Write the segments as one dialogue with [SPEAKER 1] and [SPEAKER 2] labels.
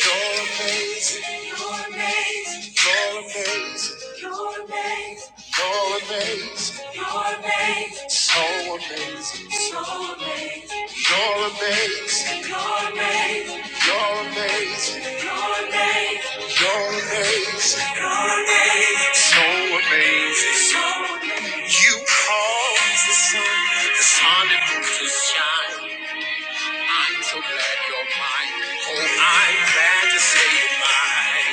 [SPEAKER 1] You're amazing. You're amazing. You're amazing. You're amazing. You're amazing. You're amazing. So amazing. So amazing. You're amazing. You're amazing. You're amazing. You're amazing. You're amazing. You're amazing. So amazing. So amazing. You cause the sun, the sun that moves to shine. I'm so glad you're mine. Oh, I'm glad to say you're mine.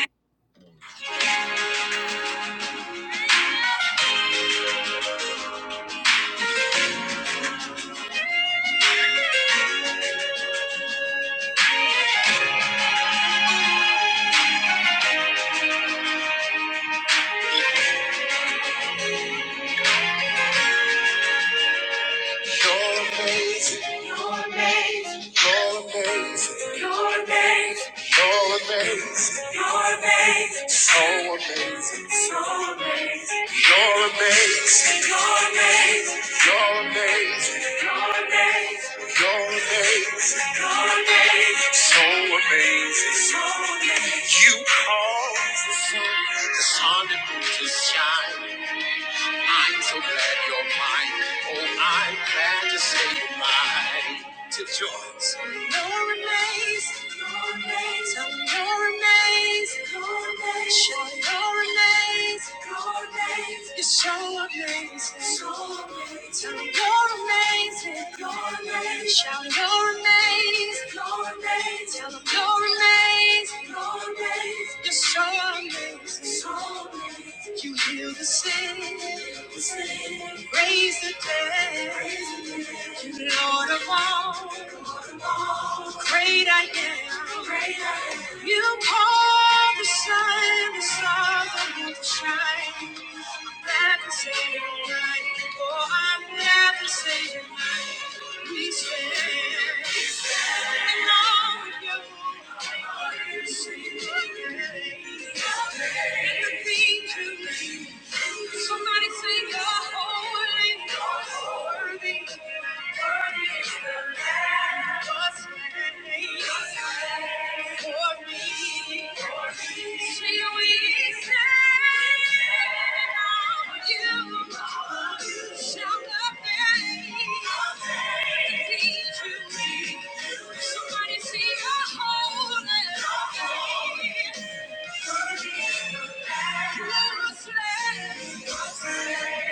[SPEAKER 1] You're amazing. You're amazing. You're amazing. You're amazing. You're amazing. You're amazing. So amazing. So amazing. You're amazing. You're amazing. You're amazing. You're amazing. You're amazing. You're amazing. So amazing. So amazing. You cause the sun, the sun that moves to shine. I'm so glad you're mine. Oh, I'm glad to say you're mine. Till joints. You're amazed. You're amazed. Tell them you're amazed. You're amazed. Show them you're amazed. You're amazed. You're so amazing. So amazing. Tell them you're amazing. You're amazed. Shout you're amazed. You're amazed. Tell them you're amazed. You're amazed. You're so amazing. So amazing. You heal the sick. Raise the dead. you Lord of all. Great I am. Great I am. You call the sun, the stars are you to shine. Never say it right. Oh, I'm never saying right. We stand. We stand. In awe of you. We Sing your name. And the things you do. Somebody say you're holy. You're Worthy. Worthy is the Lamb. Somebody see Thank you.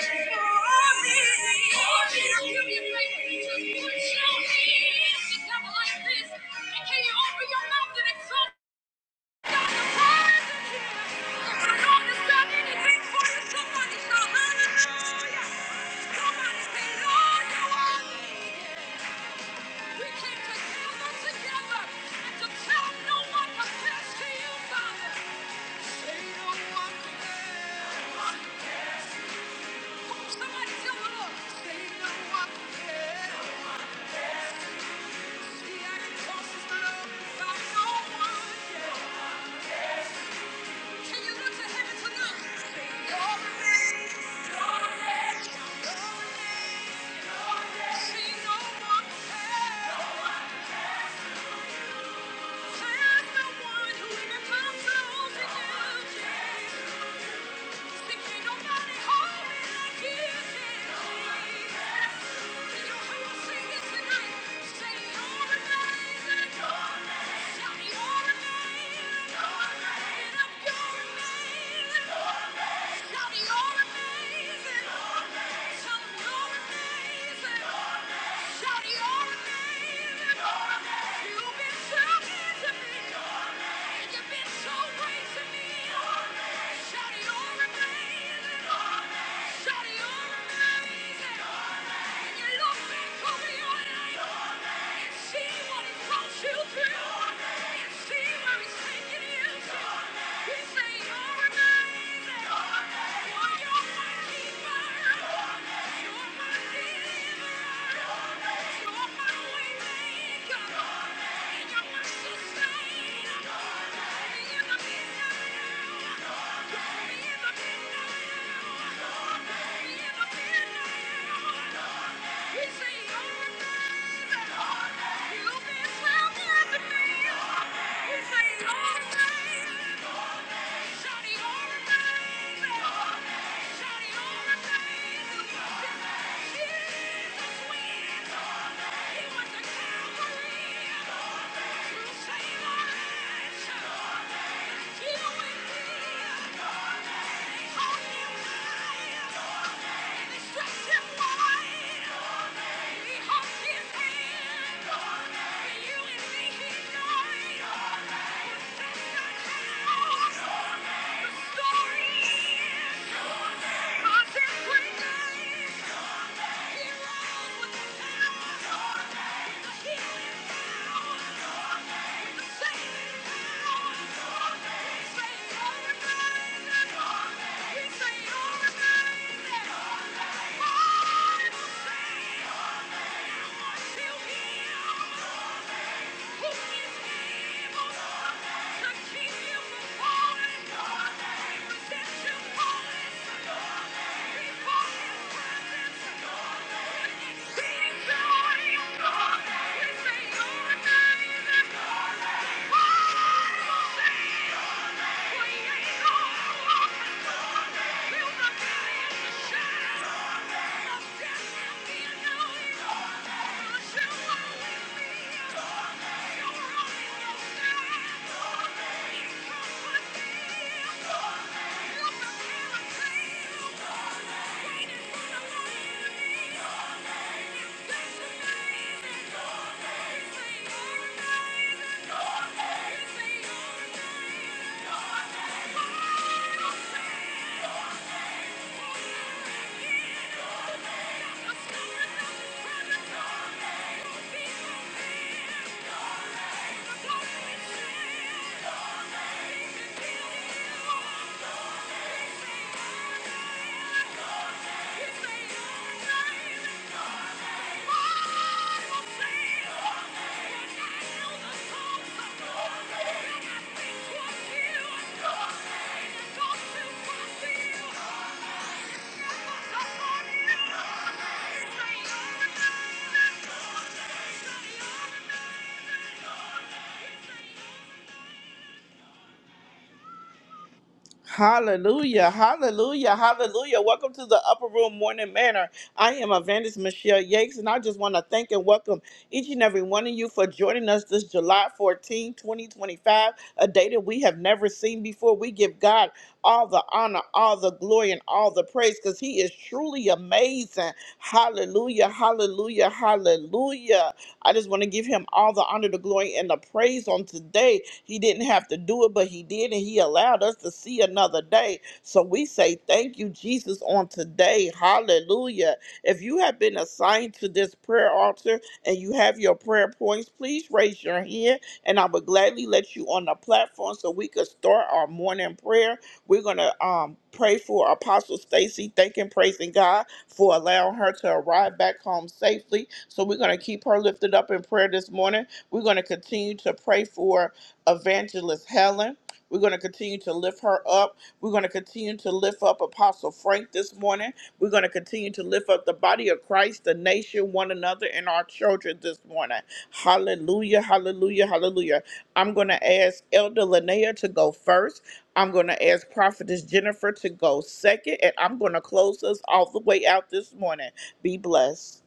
[SPEAKER 1] Hallelujah, hallelujah, hallelujah. Welcome to the Upper Room Morning Manor. I am Evangelist Michelle Yakes, and I just want to thank and welcome each and every one of you for joining us this July fourteenth, 2025, a day that we have never seen before. We give God all the honor, all the glory, and all the praise because He is truly amazing. Hallelujah, hallelujah, hallelujah. I just want to give Him all the honor, the glory, and the praise on today he didn't have to do it, but He did, and He allowed us to see another day. So we say thank you, Jesus, on today. Hallelujah. If you have been assigned to this prayer altar and you have your prayer points, please raise your hand, and I would gladly let you on the platform so we could start our morning prayer. We're gonna um pray for Apostle Stacy, thanking, praising God for allowing her to arrive back home safely. So we're gonna keep her lifted up in prayer this morning. We're gonna continue to pray for. Evangelist Helen. We're going to continue to lift her up. We're going to continue to lift up Apostle Frank this morning. We're going to continue to lift up the body of Christ, the nation, one another, and our children this morning. Hallelujah, hallelujah, hallelujah. I'm going to ask Elder Linnea to go first. I'm going to ask Prophetess Jennifer to go second, and I'm going to close us all the way out this morning. Be blessed.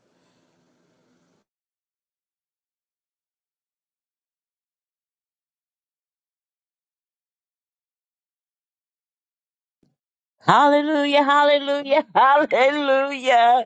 [SPEAKER 2] Hallelujah, hallelujah, hallelujah.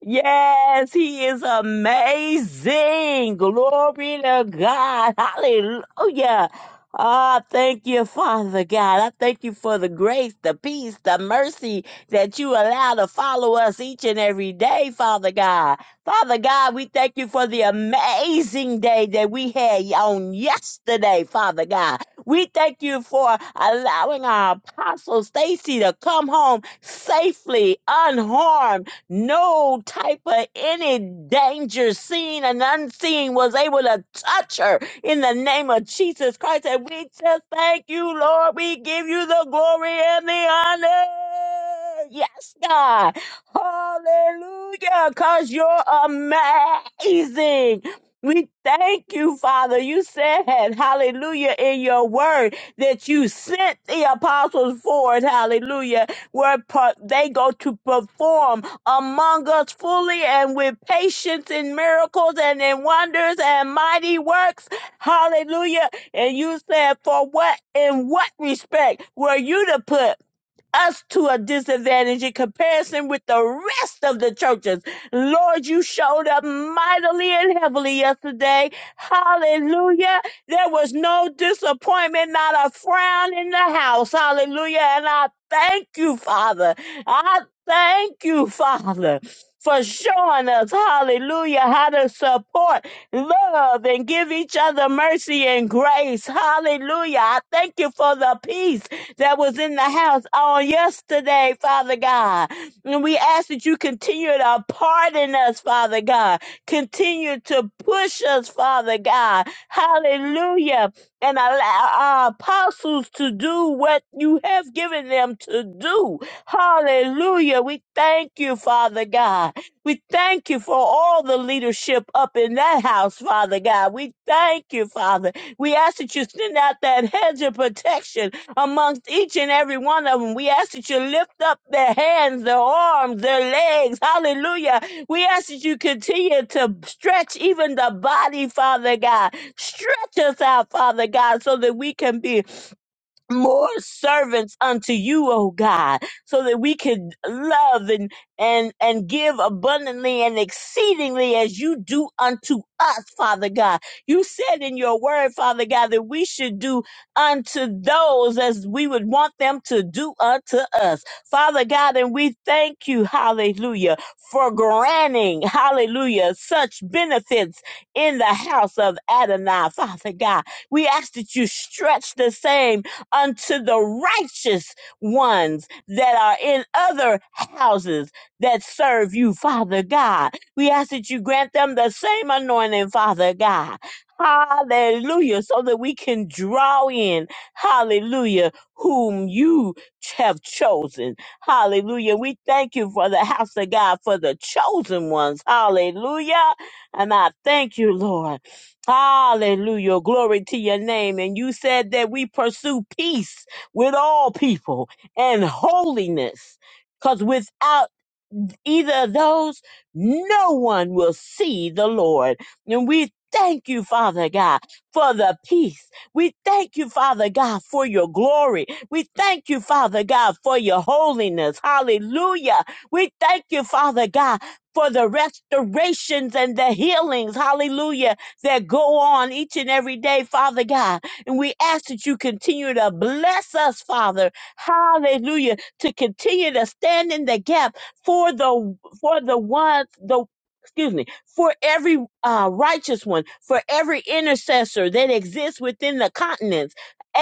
[SPEAKER 2] Yes, he is amazing. Glory to God. Hallelujah. Ah, thank you, Father God. I thank you for the grace, the peace, the mercy that you allow to follow us each and every day, Father God. Father God, we thank you for the amazing day that we had on yesterday, Father God. We thank you for allowing our apostle Stacy to come home safely, unharmed no type of any danger seen and unseen was able to touch her in the name of Jesus Christ. And we just thank you, Lord. We give you the glory and the honor. Yes, God. Hallelujah. Because you're amazing. We thank you, Father. You said, hallelujah, in your word that you sent the apostles forth, hallelujah, where pro- they go to perform among us fully and with patience in miracles and in wonders and mighty works. Hallelujah. And you said, For what, in what respect were you to put? us to a disadvantage in comparison with the rest of the churches. Lord, you showed up mightily and heavily yesterday. Hallelujah. There was no disappointment, not a frown in the house. Hallelujah. And I thank you, Father. I thank you, Father. For showing us, hallelujah, how to support, love, and give each other mercy and grace. Hallelujah. I thank you for the peace that was in the house on yesterday, Father God. And we ask that you continue to pardon us, Father God. Continue to push us, Father God. Hallelujah. And allow our apostles to do what you have given them to do. Hallelujah. We thank you, Father God. We thank you for all the leadership up in that house, Father God. We thank you, Father. We ask that you send out that hedge of protection amongst each and every one of them. We ask that you lift up their hands, their arms, their legs. Hallelujah. We ask that you continue to stretch even the body, Father God. Stretch us out, Father God, so that we can be more servants unto you, O God, so that we can love and and and give abundantly and exceedingly as you do unto us, Father God. You said in your word, Father God, that we should do unto those as we would want them to do unto us. Father God, and we thank you, hallelujah, for granting, hallelujah, such benefits in the house of Adonai, Father God. We ask that you stretch the same unto the righteous ones that are in other houses that serve you, Father God. We ask that you grant them the same anointing, Father God. Hallelujah. So that we can draw in, hallelujah, whom you have chosen. Hallelujah. We thank you for the house of God, for the chosen ones. Hallelujah. And I thank you, Lord. Hallelujah. Glory to your name. And you said that we pursue peace with all people and holiness. Because without either of those, no one will see the Lord. And we thank you, Father God, for the peace. We thank you, Father God, for your glory. We thank you, Father God, for your holiness. Hallelujah. We thank you, Father God. For the restorations and the healings, hallelujah, that go on each and every day, Father God. And we ask that you continue to bless us, Father, hallelujah, to continue to stand in the gap for the for the one the excuse me for every uh, righteous one for every intercessor that exists within the continents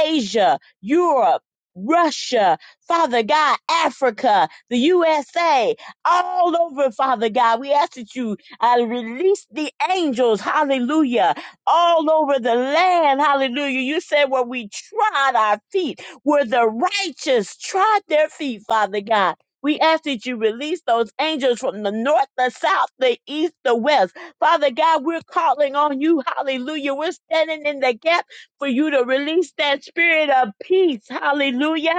[SPEAKER 2] asia europe russia father god africa the usa all over father god we ask that you uh, release the angels hallelujah all over the land hallelujah you said where we trod our feet where the righteous trod their feet father god we ask that you release those angels from the north, the south, the east, the west. Father God, we're calling on you. Hallelujah. We're standing in the gap for you to release that spirit of peace. Hallelujah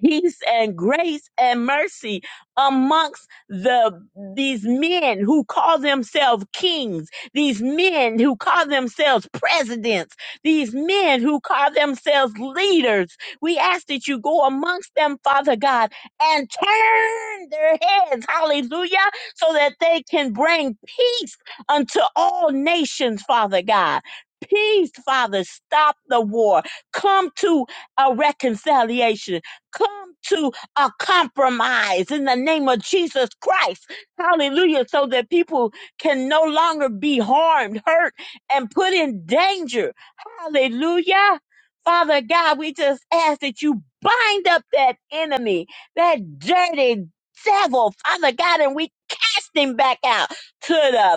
[SPEAKER 2] peace and grace and mercy amongst the these men who call themselves kings these men who call themselves presidents these men who call themselves leaders we ask that you go amongst them father god and turn their heads hallelujah so that they can bring peace unto all nations father god Peace, Father, stop the war. Come to a reconciliation come to a compromise in the name of Jesus Christ. Hallelujah. So that people can no longer be harmed, hurt, and put in danger. Hallelujah. Father God, we just ask that you bind up that enemy, that dirty devil, Father God, and we cast him back out to the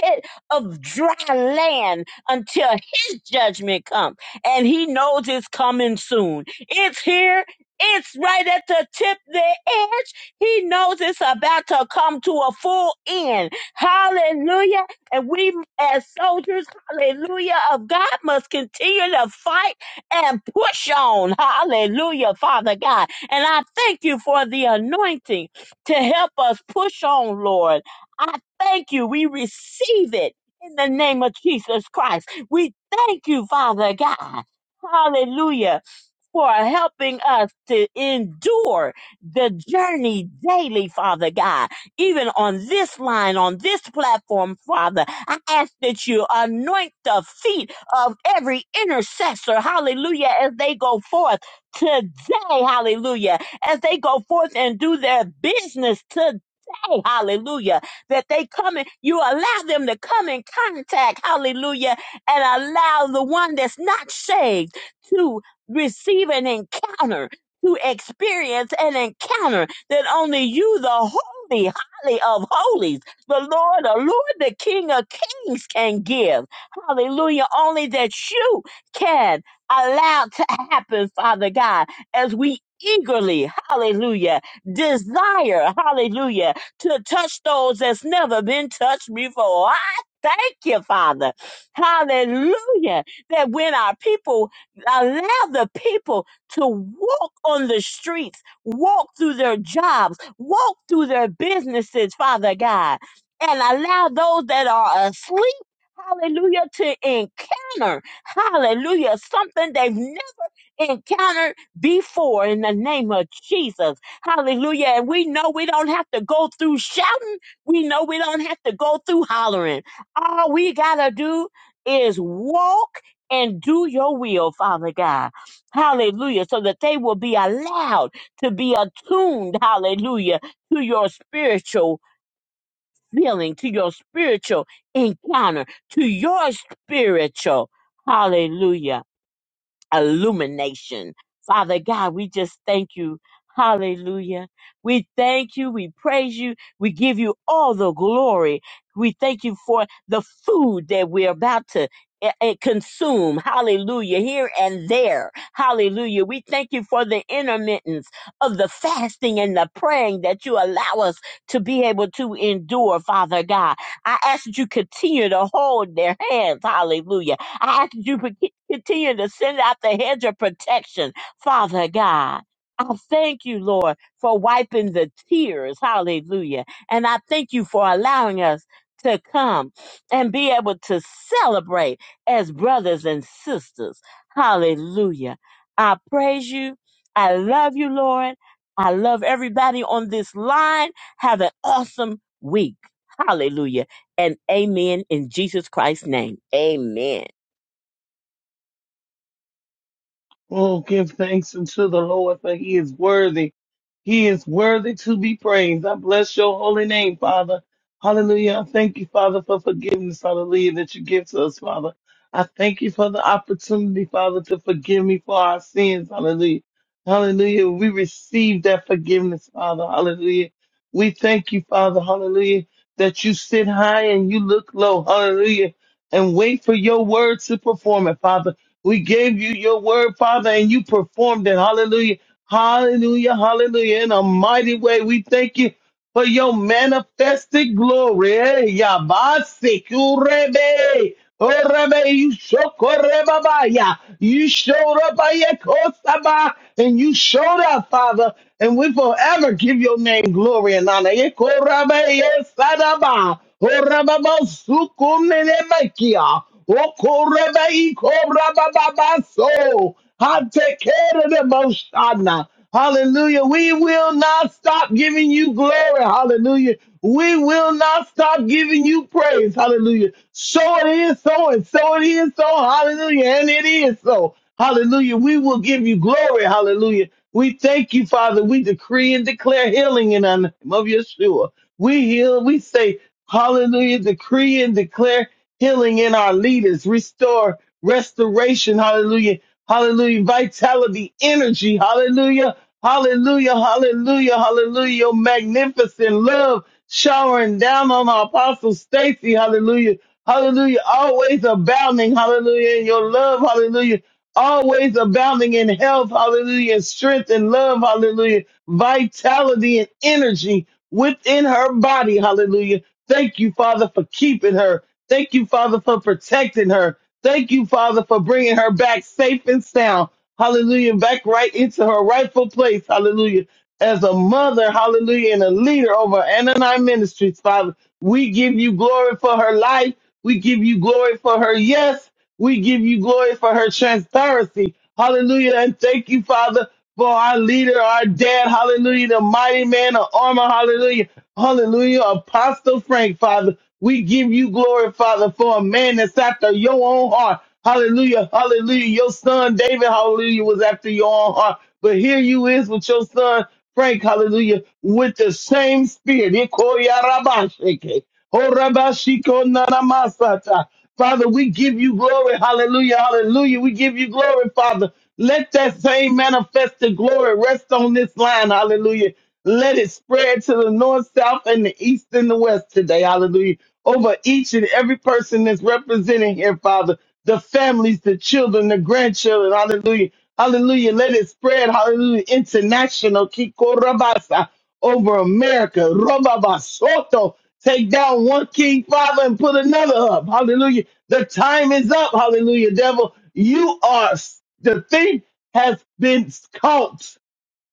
[SPEAKER 2] pit of dry land until his judgment comes. And he knows it's coming soon. It's here. It's right at the tip, the edge. He knows it's about to come to a full end. Hallelujah. And we as soldiers, hallelujah, of God must continue to fight and push on. Hallelujah, Father God. And I thank you for the anointing to help us push on, Lord. I thank you. We receive it in the name of Jesus Christ. We thank you, Father God. Hallelujah for helping us to endure the journey daily, Father God. Even on this line, on this platform, Father, I ask that you anoint the feet of every intercessor, hallelujah, as they go forth today, hallelujah, as they go forth and do their business today. Hallelujah. That they come in, you allow them to come in contact. Hallelujah. And allow the one that's not saved to receive an encounter, to experience an encounter that only you, the holy, holy of holies, the Lord, the Lord, the King of kings can give. Hallelujah. Only that you can allow to happen, Father God, as we eagerly, hallelujah, desire, hallelujah, to touch those that's never been touched before. I thank you, Father. Hallelujah that when our people Allow the people to walk on the streets, walk through their jobs, walk through their businesses, Father God, and allow those that are asleep, hallelujah, to encounter, hallelujah, something they've encountered before in the name of Jesus. Hallelujah. And we know we don't have to go through shouting. We know we don't have to go through hollering. All we got to do is walk and do your will, Father God. Hallelujah. So that they will be allowed to be attuned, hallelujah, to your spiritual feeling, to your spiritual encounter, to your spiritual, hallelujah illumination. Father God, we just thank you. Hallelujah. We thank you. We praise you. We give you all the glory. We thank you for the food that we're about to eh, eh, consume. Hallelujah. Here and there. Hallelujah. We thank you for the intermittence of the fasting and the praying that you allow us to be able to endure, Father God. I ask that you continue to hold their hands. Hallelujah I ask that you to continue to send out the hedge of protection, Father God. I thank you, Lord, for wiping the tears. Hallelujah. And I thank you for allowing us to come and be able to celebrate as brothers and sisters. Hallelujah. I praise you. I love you, Lord. I love everybody on this line. Have an awesome week. Hallelujah. And amen in Jesus Christ's name. Amen.
[SPEAKER 3] Oh, give thanks unto the Lord, for he is worthy. He is worthy to be praised. I bless your holy name, Father. Hallelujah. I thank you, Father, for forgiveness, hallelujah, that you give to us, Father. I thank you for the opportunity, Father, to forgive me for our sins, hallelujah. Hallelujah. We receive that forgiveness, Father, hallelujah. We thank you, Father, hallelujah, that you sit high and you look low, hallelujah, and wait for your word to perform it, Father. We gave you your word, Father, and you performed it. Hallelujah. Hallelujah. Hallelujah. In a mighty way. We thank you for your manifested glory. Eh, Yabasi Kurebe. Orebe, you shokorebabaya. You showed up ayekosaba, and you showed up, Father, and we forever give your name glory and honor. Yekorabe, yesadaba. Orababa, sukunenemekia. Okorebe, ikorabababa, so. I take care of the most. Hallelujah. We will not stop giving you glory. Hallelujah. We will not stop giving you praise. Hallelujah. So it is so, and so it is so. Hallelujah. And it is so. Hallelujah. We will give you glory. Hallelujah. We thank you, Father. We decree and declare healing in the name of Yeshua. We heal. We say, Hallelujah. Decree and declare healing in our leaders. Restore restoration. Hallelujah Hallelujah. Vitality, energy. Hallelujah. Hallelujah. Hallelujah. Hallelujah. Your magnificent love showering down on our apostle Stacy. Hallelujah. Hallelujah. Always abounding. Hallelujah. In your love. Hallelujah. Always abounding in health. Hallelujah. And strength and love. Hallelujah. Vitality and energy within her body. Hallelujah. Thank you, Father, for keeping her. Thank you, Father, for protecting her. Thank you, Father, for bringing her back safe and sound. Hallelujah. Back right into her rightful place. Hallelujah as a mother, hallelujah, and a leader over Ananai Ministries, Father. We give you glory for her life. We give you glory for her yes. We give you glory for her transparency. Hallelujah. And thank you, Father, for our leader, our dad. Hallelujah. The mighty man of armor. Hallelujah. Hallelujah. Apostle Frank, Father. We give you glory, Father, for a man that's after your own heart. Hallelujah. Hallelujah. Your son, David, hallelujah, was after your own heart. But here you is with your son. Frank, hallelujah, with the same spirit. Ikoyarabashike, horabashikonamasata. Father, we give you glory. Hallelujah, hallelujah. We give you glory, Father. Let that same manifested glory rest on this line. Hallelujah. Let it spread to the north, south, and the east and the west today. Hallelujah. Over each and every person that's represented here, Father, the families, the children, the grandchildren. Hallelujah. Hallelujah. Let it spread. Hallelujah. International. Kikorabasa. Over America. Robabasoto. Take down one king, Father, and put another up. Hallelujah. The time is up. Hallelujah. Devil, you are the thing has been caught.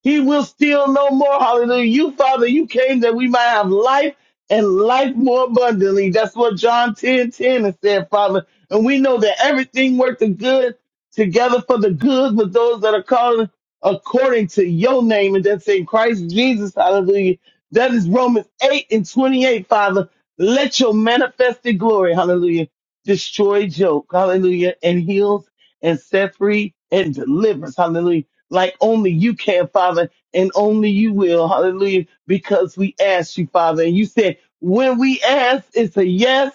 [SPEAKER 3] He will steal no more. Hallelujah. You, Father, you came that we might have life and life more abundantly. That's what John 10 10 has said, Father. And we know that everything works the good together for the good with those that are called according to your name. And that's in Christ Jesus. Hallelujah. That is Romans 8 and 28, Father. Let your manifested glory, hallelujah, destroy joke, hallelujah, and heals and set free and delivers, hallelujah like only you can, Father, and only you will. Hallelujah. Because we asked you, Father. And you said, when we ask, it's a yes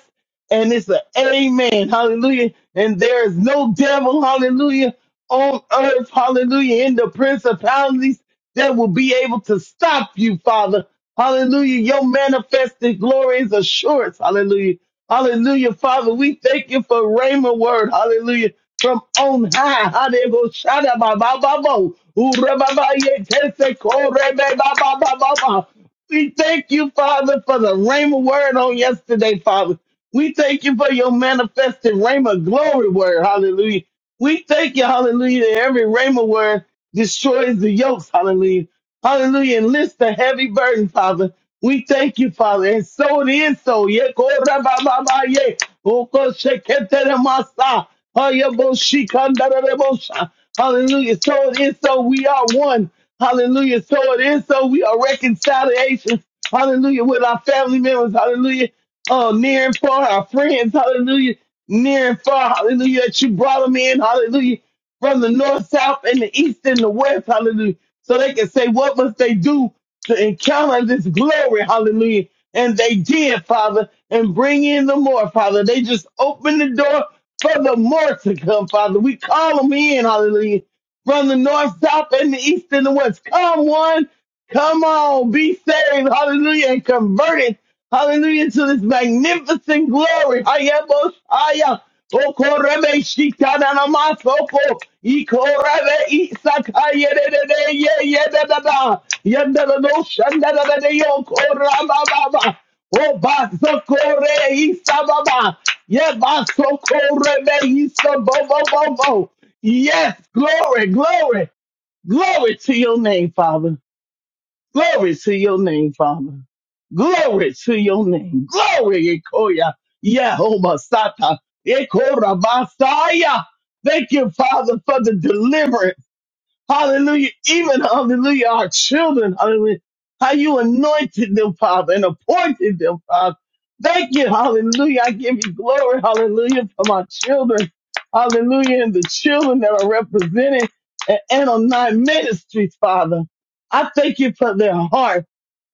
[SPEAKER 3] and it's a amen. Hallelujah. And there is no devil, hallelujah, on earth, hallelujah, in the principalities that will be able to stop you, Father. Hallelujah. Your manifested glory is assurance. Hallelujah. Hallelujah, Father. We thank you for Rhema word. Hallelujah from on high. Hadebo shada ba ba ba bo. Ura ba ba ye tese kore be ba ba ba ba ba. We thank you, Father, for the rhema word on yesterday, Father. We thank you for your manifested rhema glory word. Hallelujah. We thank you, hallelujah, that every rhema word destroys the yokes. Hallelujah. Hallelujah. And lift the heavy burden, Father. We thank you, Father. And so it is so. Ye ko ra ba ba ba ye. O ko she ke te re ma sa. Ha ye bo shi ka nda re re bo sha. Hallelujah. So it is so. We are one. Hallelujah. So it is so. We are reconciliation. Hallelujah. With our family members. Hallelujah. Oh, near and far, our friends. Hallelujah. Near and far. Hallelujah. That you brought them in. Hallelujah from the north, south, and the east and the west, hallelujah. So they can say, what must they do to encounter this glory, hallelujah. And they did, Father, and bring in the more, Father. They just opened the door for the more to come, Father. We call them in, hallelujah from the north, south, and the east and the west. Come one, come on, be saved, hallelujah, and converted, hallelujah, to this magnificent glory. Hayaboshaya, okorebe shikananamasoko, ikorebe isakayedede, yeyedadada, yedadadoshandadadade, yokorabababa, obasokore isababa, yebasokore beisabobobobo. Yes, glory, glory, glory to your name, Father. Glory to your name, Father. Glory to your name. Glory, Ekoya. Yehovah Sata. Ekorabasaya. Thank you, Father, for the deliverance. Hallelujah. Even, hallelujah, our children, hallelujah, how you anointed them, Father, and appointed them, Father. Thank you, hallelujah. I give you glory, hallelujah, for my children, hallelujah, and the children that are represented at Anonine Ministries, Father. I thank you for their heart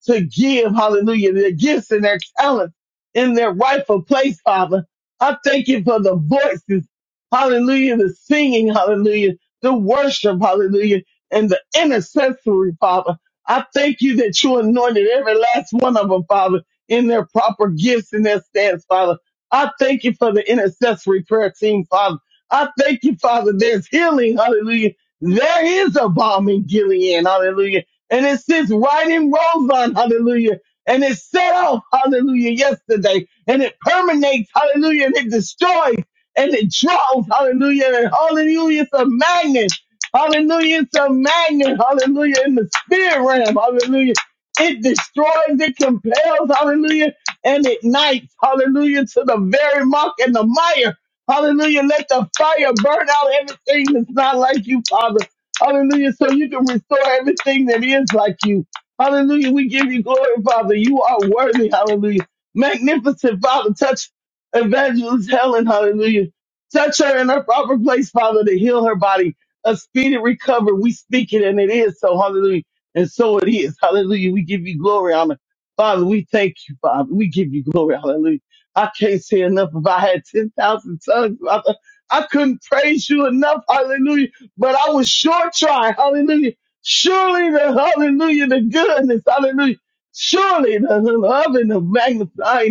[SPEAKER 3] to give, hallelujah, their gifts and their talents in their rightful place, Father. I thank you for the voices, hallelujah, the singing, hallelujah the worship, hallelujah, and the intercessory, Father. I thank you that you anointed every last one of them, Father, in their proper gifts and their stance, Father. I thank you for the intercessory prayer team, Father. I thank you, Father, there's healing, hallelujah. There is a balm in Gilead, hallelujah. And it sits right in Roseon, hallelujah. And it set off, hallelujah, yesterday. And it permeates, hallelujah, and it destroys and it draws. Hallelujah. And hallelujah. It's a magnet. Hallelujah. It's a magnet. Hallelujah. In the spirit realm. Hallelujah. It destroys, it compels, hallelujah, and ignites, hallelujah, to the very muck and the mire. Hallelujah. Let the fire burn out everything that's not like you, Father. Hallelujah. So you can restore everything that is like you. Hallelujah. We give you glory, Father. You are worthy. Hallelujah. Magnificent Father. Touch Evangelist Helen, hallelujah. Touch her in her proper place, Father, to heal her body. A speedy recovery. We speak it and it is so, hallelujah. And so it is, hallelujah. We give you glory, honor. Father, we thank you, Father. We give you glory, hallelujah. I can't say enough. If I had 10,000 tongues, Father, I couldn't praise you enough, hallelujah. But I was sure trying, hallelujah. Surely the, hallelujah, the goodness, hallelujah. Surely the, love and the magnifying.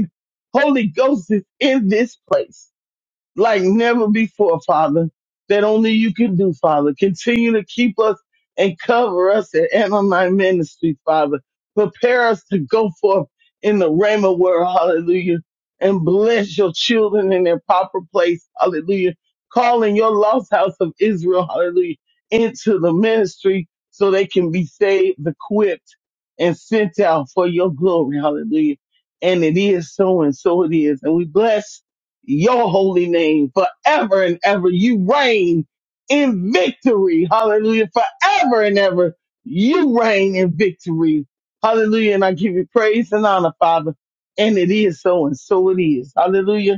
[SPEAKER 3] Holy Ghost is in this place like never before, Father, that only you can do, Father. Continue to keep us and cover us at MMI Ministry, Father. Prepare us to go forth in the Rhema word, hallelujah, and bless your children in their proper place, hallelujah. Calling your lost house of Israel, hallelujah, into the ministry so they can be saved, equipped, and sent out for your glory, hallelujah. And it is so and so it is. And we bless your holy name forever and ever. You reign in victory. Hallelujah. Forever and ever. You reign in victory. Hallelujah. And I give you praise and honor, Father. And it is so and so it is. Hallelujah.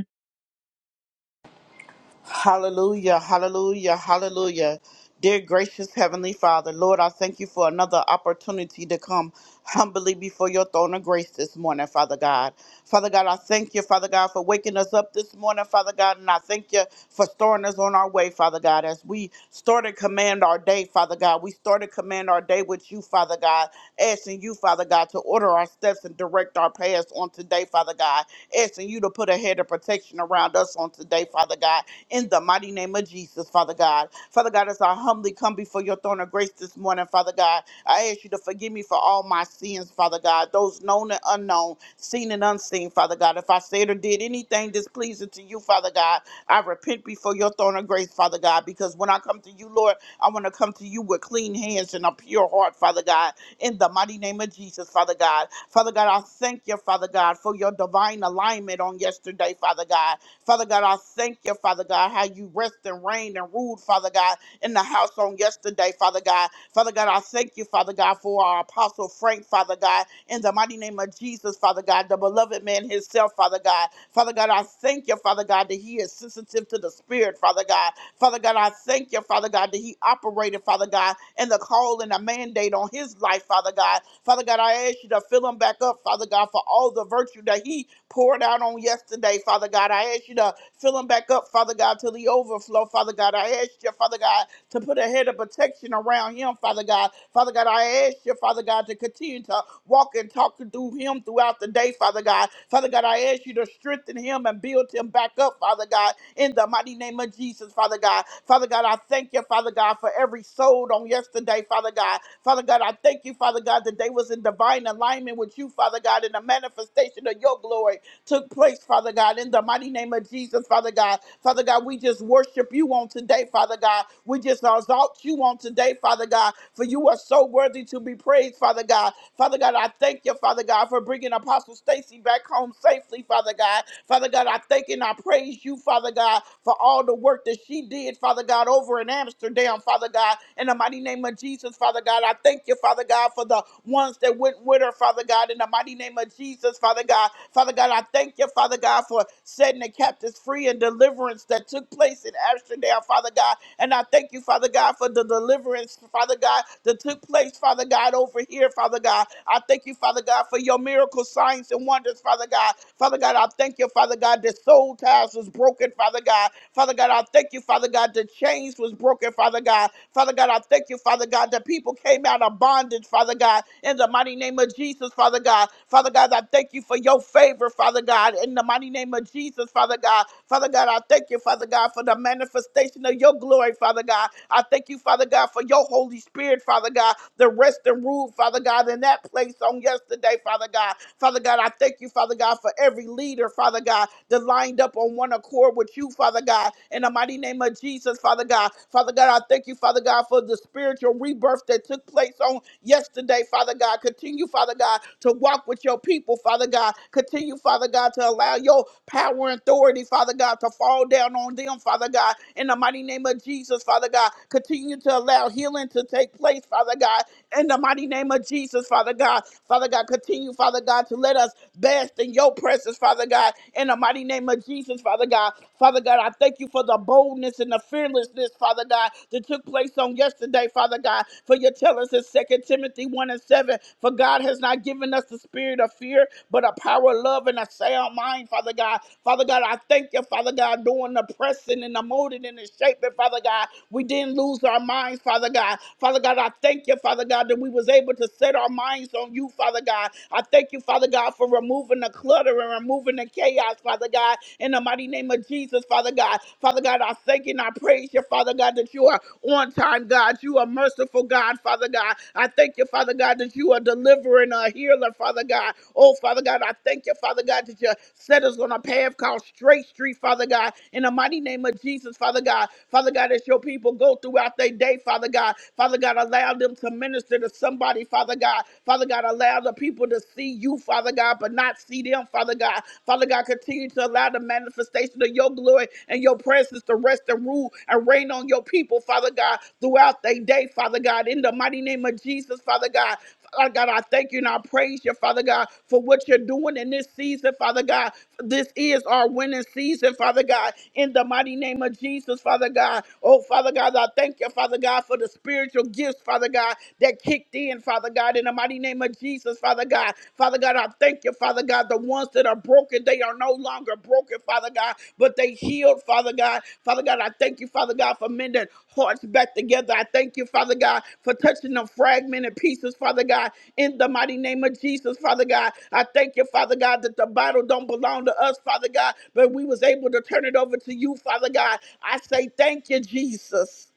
[SPEAKER 1] Hallelujah, hallelujah, hallelujah. Dear gracious Heavenly Father, Lord, I thank you for another opportunity to come humbly before your throne of grace this morning, Father God. Father God, I thank you, Father God, for waking us up this morning, Father God, and I thank you for storing us on our way, Father God. As we start to command our day, Father God, we start to command our day with you, Father God, asking you, Father God, to order our steps and direct our paths on today, Father God, asking you to put a head of protection around us on today, today, Father God, in the mighty name of Jesus, Father God. Father God, as I humbly come before your throne of grace this morning, Father God, I ask you to forgive me for all my sins, Father God, those known and unknown, seen and unseen, Father God. If I said or did anything displeasing to you, Father God, I repent before your throne of grace, Father God, because when I come to you, Lord, I want to come to you with clean hands and a pure heart, Father God, in the mighty name of Jesus, Father God. Father God, I thank you, Father God, for your divine alignment on yesterday, Father God. God. Father God, I thank you, Father God, how you rest and reign and ruled, Father God, in the house on yesterday, Father God. Father God, I thank you, Father God, for our apostle Frank, Father God, in the mighty name of Jesus, Father God, the beloved man himself, Father God. Father God, I thank you, Father God, that he is sensitive to the spirit, Father God. Father God, I thank you, Father God, that he operated, Father God, in the call and the mandate on his life, Father God. Father God, I ask you to fill him back up, Father God, for all the virtue that he poured out on yesterday today, Father God. I ask you to fill them back up, Father God, to the overflow, Father God. I ask you, Father God, to put a head of protection around him, Father God. Father God, I ask you, Father God, to continue to walk and talk through him throughout the day, Father God. Father God, I ask you to strengthen him and build him back up, Father God, in the mighty name of Jesus, Father God. Father God, I thank you, Father God, for every soul on yesterday, Father God. Father God, I thank you, Father God, that they was in divine alignment with you, Father God, in the manifestation of your glory took place, Father God, in the mighty name of Jesus, Father God. Father God, we just worship you on today, Father God. We just exalt you on today, Father God, for you are so worthy to be praised, Father God. Father God, I thank you, Father God, for bringing Apostle Stacy back home safely, Father God. Father God, I thank and I praise you, Father God, for all the work that she did, Father God, over in Amsterdam, Father God. In the mighty name of Jesus, Father God, I thank you, Father God, for the ones that went with her, Father. Father God, in the mighty name of Jesus, Father God. Father God, I thank you, Father God, for setting the captives free and deliverance that took place in Amsterdam, Father God. And I thank you, Father God, for the deliverance, Father God, that took place, Father God, over here, Father God. I thank you, Father God, for your miracle signs and wonders, Father God. Father God, I thank you, Father God, that soul ties was broken, Father God. Father God, I thank you, Father God, that chains was broken, Father God. Father God, I thank you, Father God, that people came came out of bondage, Father God, in the mighty name of Jesus, Father God. Father God, I thank you for your favor, Father God, in the mighty name of Jesus, Father God. Father God, I thank you, Father God, for the manifestation of your glory, Father God. I thank you, Father God, for your Holy Spirit, Father God, the rest and rule, Father God, in that place on yesterday, Father God. Father God, I thank you, Father God, for every leader, Father God, that lined up on one accord with you, Father God, in the mighty name of Jesus, Father God. Father Father God. I thank you, Father God, for the spiritual rebirth that took place on yesterday, Father God. Continue, Father God, to walk with your people, Father God. Continue, Father God, to allow your power and authority, Father God, to fall down on them, Father God. In the mighty name of Jesus, Father God, continue to allow healing to take place, Father God. In the mighty name of Jesus, Father God, Father God, continue, Father God, to let us bask in your presence, Father God. In the mighty name of Jesus, Father God, Father God. I thank you for the boldness and the fearlessness, Father God, that took place on yesterday, Father God. For you tell us in Second Timothy 1 and 7, for God has not given us the spirit of fear, but a power of love and a sound mind, Father God. Father God, I thank you, Father God, doing the pressing and the molding and the shaping, Father God. We didn't lose our minds, Father God. Father God, I thank you, Father God, that we was able to set our minds on you, Father God. I thank you, Father God, for removing the clutter and removing removing the chaos, Father God, in the mighty name of Jesus, Father God. Father God, I thank you and I praise you, Father God, that you are on time, God. You are merciful, God, Father God. I thank you, Father God, that you are delivering a healer, Father God. Oh, Father God, I thank you, Father God, that you set us on a path called straight street, Father God. In the mighty name of Jesus, Father God. Father God, as your people go throughout their day, Father God. Father God, allow them to minister to somebody, Father God. Father God, allow the people people to see you, Father God, but not see them, Father God. Father God, continue to allow the manifestation of your glory and your presence to rest and rule and reign on your people, Father God, throughout their day, Father God. In the mighty name of Jesus, Father God. Father God, I thank you and I praise you, Father God, for what you're doing in this season, Father God. This is our winning season, Father God, in the mighty name of Jesus, Father God. Oh, Father God, I thank you, Father God, for the spiritual gifts, Father God, that kicked in, Father God, in the mighty name of Jesus, Father God. Father God, I thank you, Father God. The ones that are broken, they are no longer broken, Father God, but they healed, Father God. Father God, I thank you, Father God, for mending hearts back together. I thank you, Father God, for touching the fragmented pieces, Father God, in the mighty name of Jesus, Father God. I thank you, Father God, that the Bible don't belong to us, Father God, but we was able to turn it over to you, Father God. I say thank you, Jesus.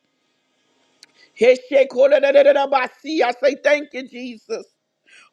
[SPEAKER 1] Heshekoledededabasi. I say thank you, Jesus.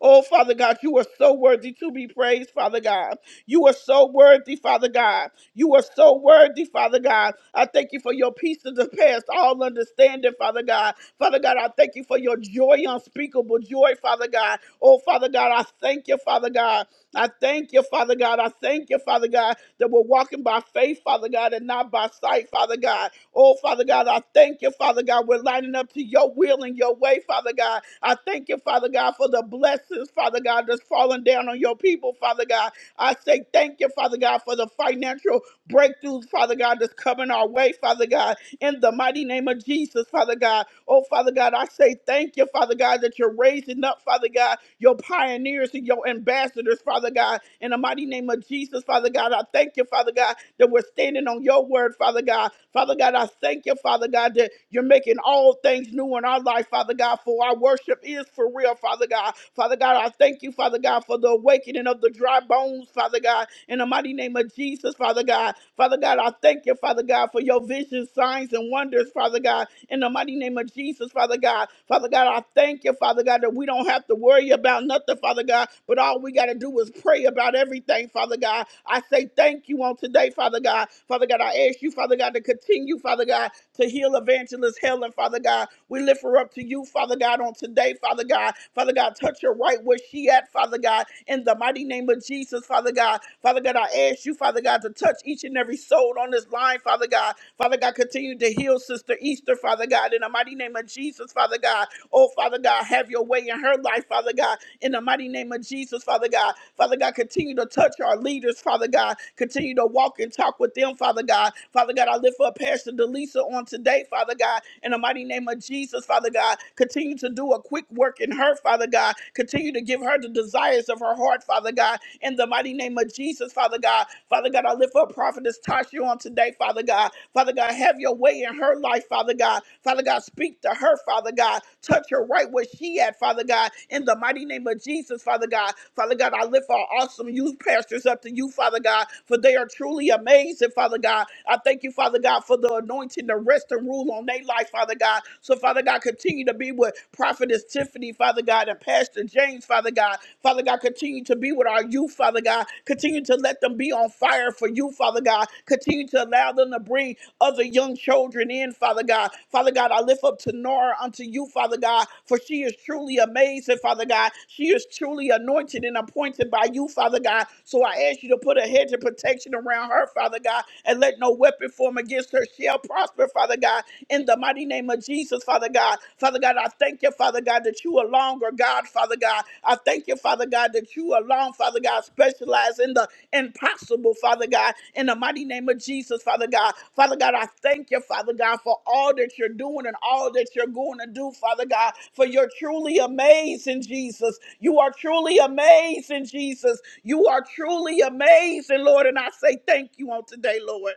[SPEAKER 1] Oh, Father God, you are so worthy to be praised, Father God. You are so worthy, Father God. You are so worthy, Father God. I thank you for your peace of the past, all understanding, Father God. Father God, I thank you for your joy, unspeakable joy, Father God. Oh, Father God, I thank you, Father. Father God. I thank you, Father God. I thank you, Father God, that we're walking by faith, Father God, and not by sight, Father God. Oh, Father God, I thank you, Father God. We're lining up to your will and your way, Father God. I thank you, Father God, for the blessings, Father God, that's falling down on your people, Father God. I say thank you, Father God, for the financial breakthroughs, Father God, that's coming our way, Father God in the mighty name of Jesus, Father God. Oh, Father God, I say thank you, Father God, that you're raising up, Father God, your pioneers and your ambassadors, Father God. In the mighty name of Jesus, Father God, I thank you, Father God, that we're standing on your word, Father God. Father God, I thank you, Father God, that you're making all things new in our life, Father God, for our worship is for real, Father God. Father God. I thank you, Father God, for the awakening of the dry bones, Father God, in the mighty name of Jesus, Father God. Father God, I thank you, Father God, for your visions, signs, and wonders, Father God, in the mighty name of Jesus, Father God. Father God, I thank you, Father God, that we don't have to worry about nothing, Father God, but all we got to do is pray about everything, Father God. I say thank you on today, Father God. God. Father God, I ask you, Father God, to continue, Father God, to heal evangelist Helen, Father God. We lift her up to you, Father God, on today, Father God. Father God, touch her right where she at, Father God, in the mighty name of Jesus, Father God. Father God, I ask you, Father God, to touch each and every soul on this line, Father God. Father God, continue to heal Sister Easter, Father God, in the mighty name of Jesus, Father God. Oh, Father God, have your way in her life, Father God in the mighty name of Jesus, Father God. Father God, continue to touch our leaders, Father God. Continue to walk and talk with them, Father God. Father God, I lift up Pastor Delisa on today, Father God, in the mighty name of Jesus, Father God. Continue to do a quick work in her, Father God. Continue to give her the desires of her heart, Father God, in the mighty name of Jesus, Father God. Father God, I lift up Prophetess Tasha on today, Father God. Father God, have your way in her life her life, Father God. Father God, speak to her, Father God. Touch her right where she at, Father God. In the mighty name of Jesus, Father God. Father God, I lift our awesome youth pastors up to you, Father God, for they are truly amazing, Father God. I thank you, Father God, for the anointing to rest and rule on their life, Father God. So, Father God, continue to be with Prophetess Tiffany, Father God, and Pastor James, Father God. Father God, continue to be with our youth, Father God. Continue to let them be on fire for you, Father God. Continue to allow them to bring other young children in, Father God. Father God, I lift up Tanara unto you, Father God, for she is truly amazing, Father God. She is truly anointed and appointed by you, Father God. So I ask you to put a hedge of protection around her, Father God, and let no weapon form against her shall prosper, Father God. In the mighty name of Jesus, Father God. Father God, I thank you, Father God, that you alone are God, Father God. I thank you, Father God, that you alone, Father God, specialize in the impossible, Father God, in the mighty name of Jesus, Father God. Father God, I thank you, Father God, for all that you're doing and all that you're going to do, Father God, for you're truly amazing, Jesus. You are truly amazing, Jesus. You are truly amazing, Lord, and I say thank you on today, Lord.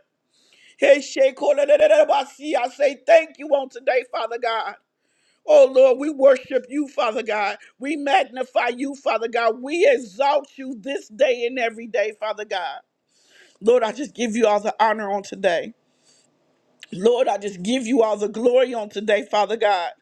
[SPEAKER 1] Hey, Sheikh, I say thank you on today, Father God. Oh Lord, we worship you, Father God. We magnify you, Father God. We exalt you this day and every day, Father God. Lord, I just give you all the honor on today. Lord, I just give you all the glory on today, Father God.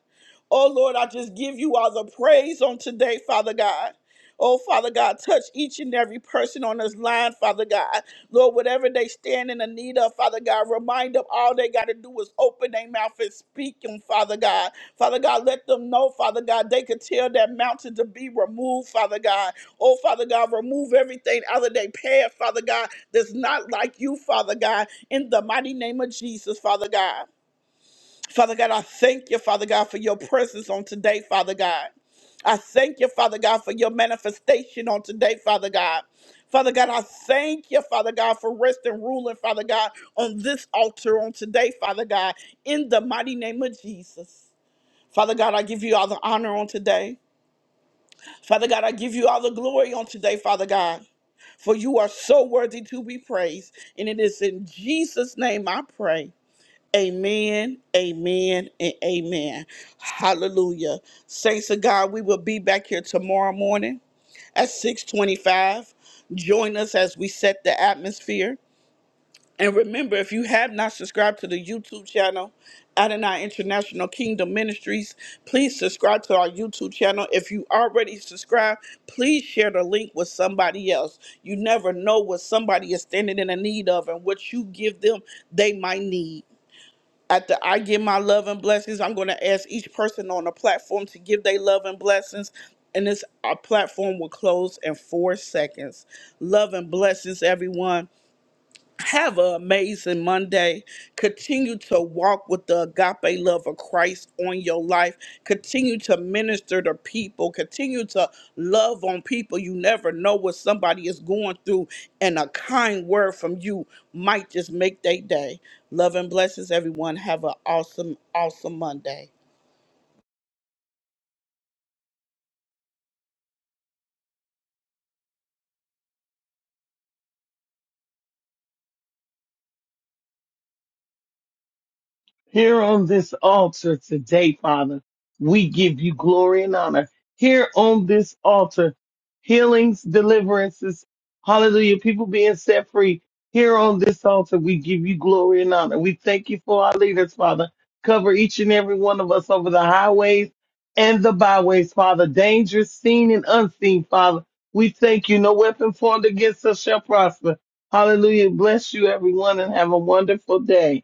[SPEAKER 1] Oh Lord, I just give you all the praise on today, Father God. Oh, Father God, touch each and every person on this line, Father God. Lord, whatever they stand in the need of, Father God, remind them all they got to do is open their mouth and speak them, Father God. Father God, let them know, Father God, they could tell that mountain to be removed, Father God. Oh, Father God, remove everything out of their path, Father God, that's not like you, Father God, in the mighty name of Jesus, Father God. Father God, I thank you, Father God, for your presence on today, Father God. I thank you, Father God, for your manifestation on today, Father God. Father God, I thank you, Father God, for rest and ruling, Father God, on this altar on today, Father God, in the mighty name of Jesus. Father God, I give you all the honor on today. Father God, I give you all the glory on today, Father God, for you are so worthy to be praised. And it is in Jesus' name I pray. Amen, amen, and amen. Hallelujah. Saints of God, we will be back here tomorrow morning at 625. Join us as we set the atmosphere. And remember, if you have not subscribed to the YouTube channel, Adonai International Kingdom Ministries, please subscribe to our YouTube channel. If you already subscribed, please share the link with somebody else. You never know what somebody is standing in the need of and what you give them, they might need. After I give my love and blessings, I'm going to ask each person on the platform to give their love and blessings. And this our platform will close in four seconds. Love and blessings, everyone. Have an amazing Monday. Continue to walk with the agape love of Christ on your life. Continue to minister to people. Continue to love on people. You never know what somebody is going through, and a kind word from you might just make their day. Love and blessings, everyone. Have an awesome, awesome Monday.
[SPEAKER 3] Here on this altar today, Father, we give you glory and honor. Here on this altar, healings, deliverances, hallelujah, people being set free. Here on this altar, we give you glory and honor. We thank you for our leaders, Father. Cover each and every one of us over the highways and the byways, Father. Dangerous, seen and unseen, Father. We thank you. No weapon formed against us shall prosper. Hallelujah. Bless you, everyone, and have a wonderful day.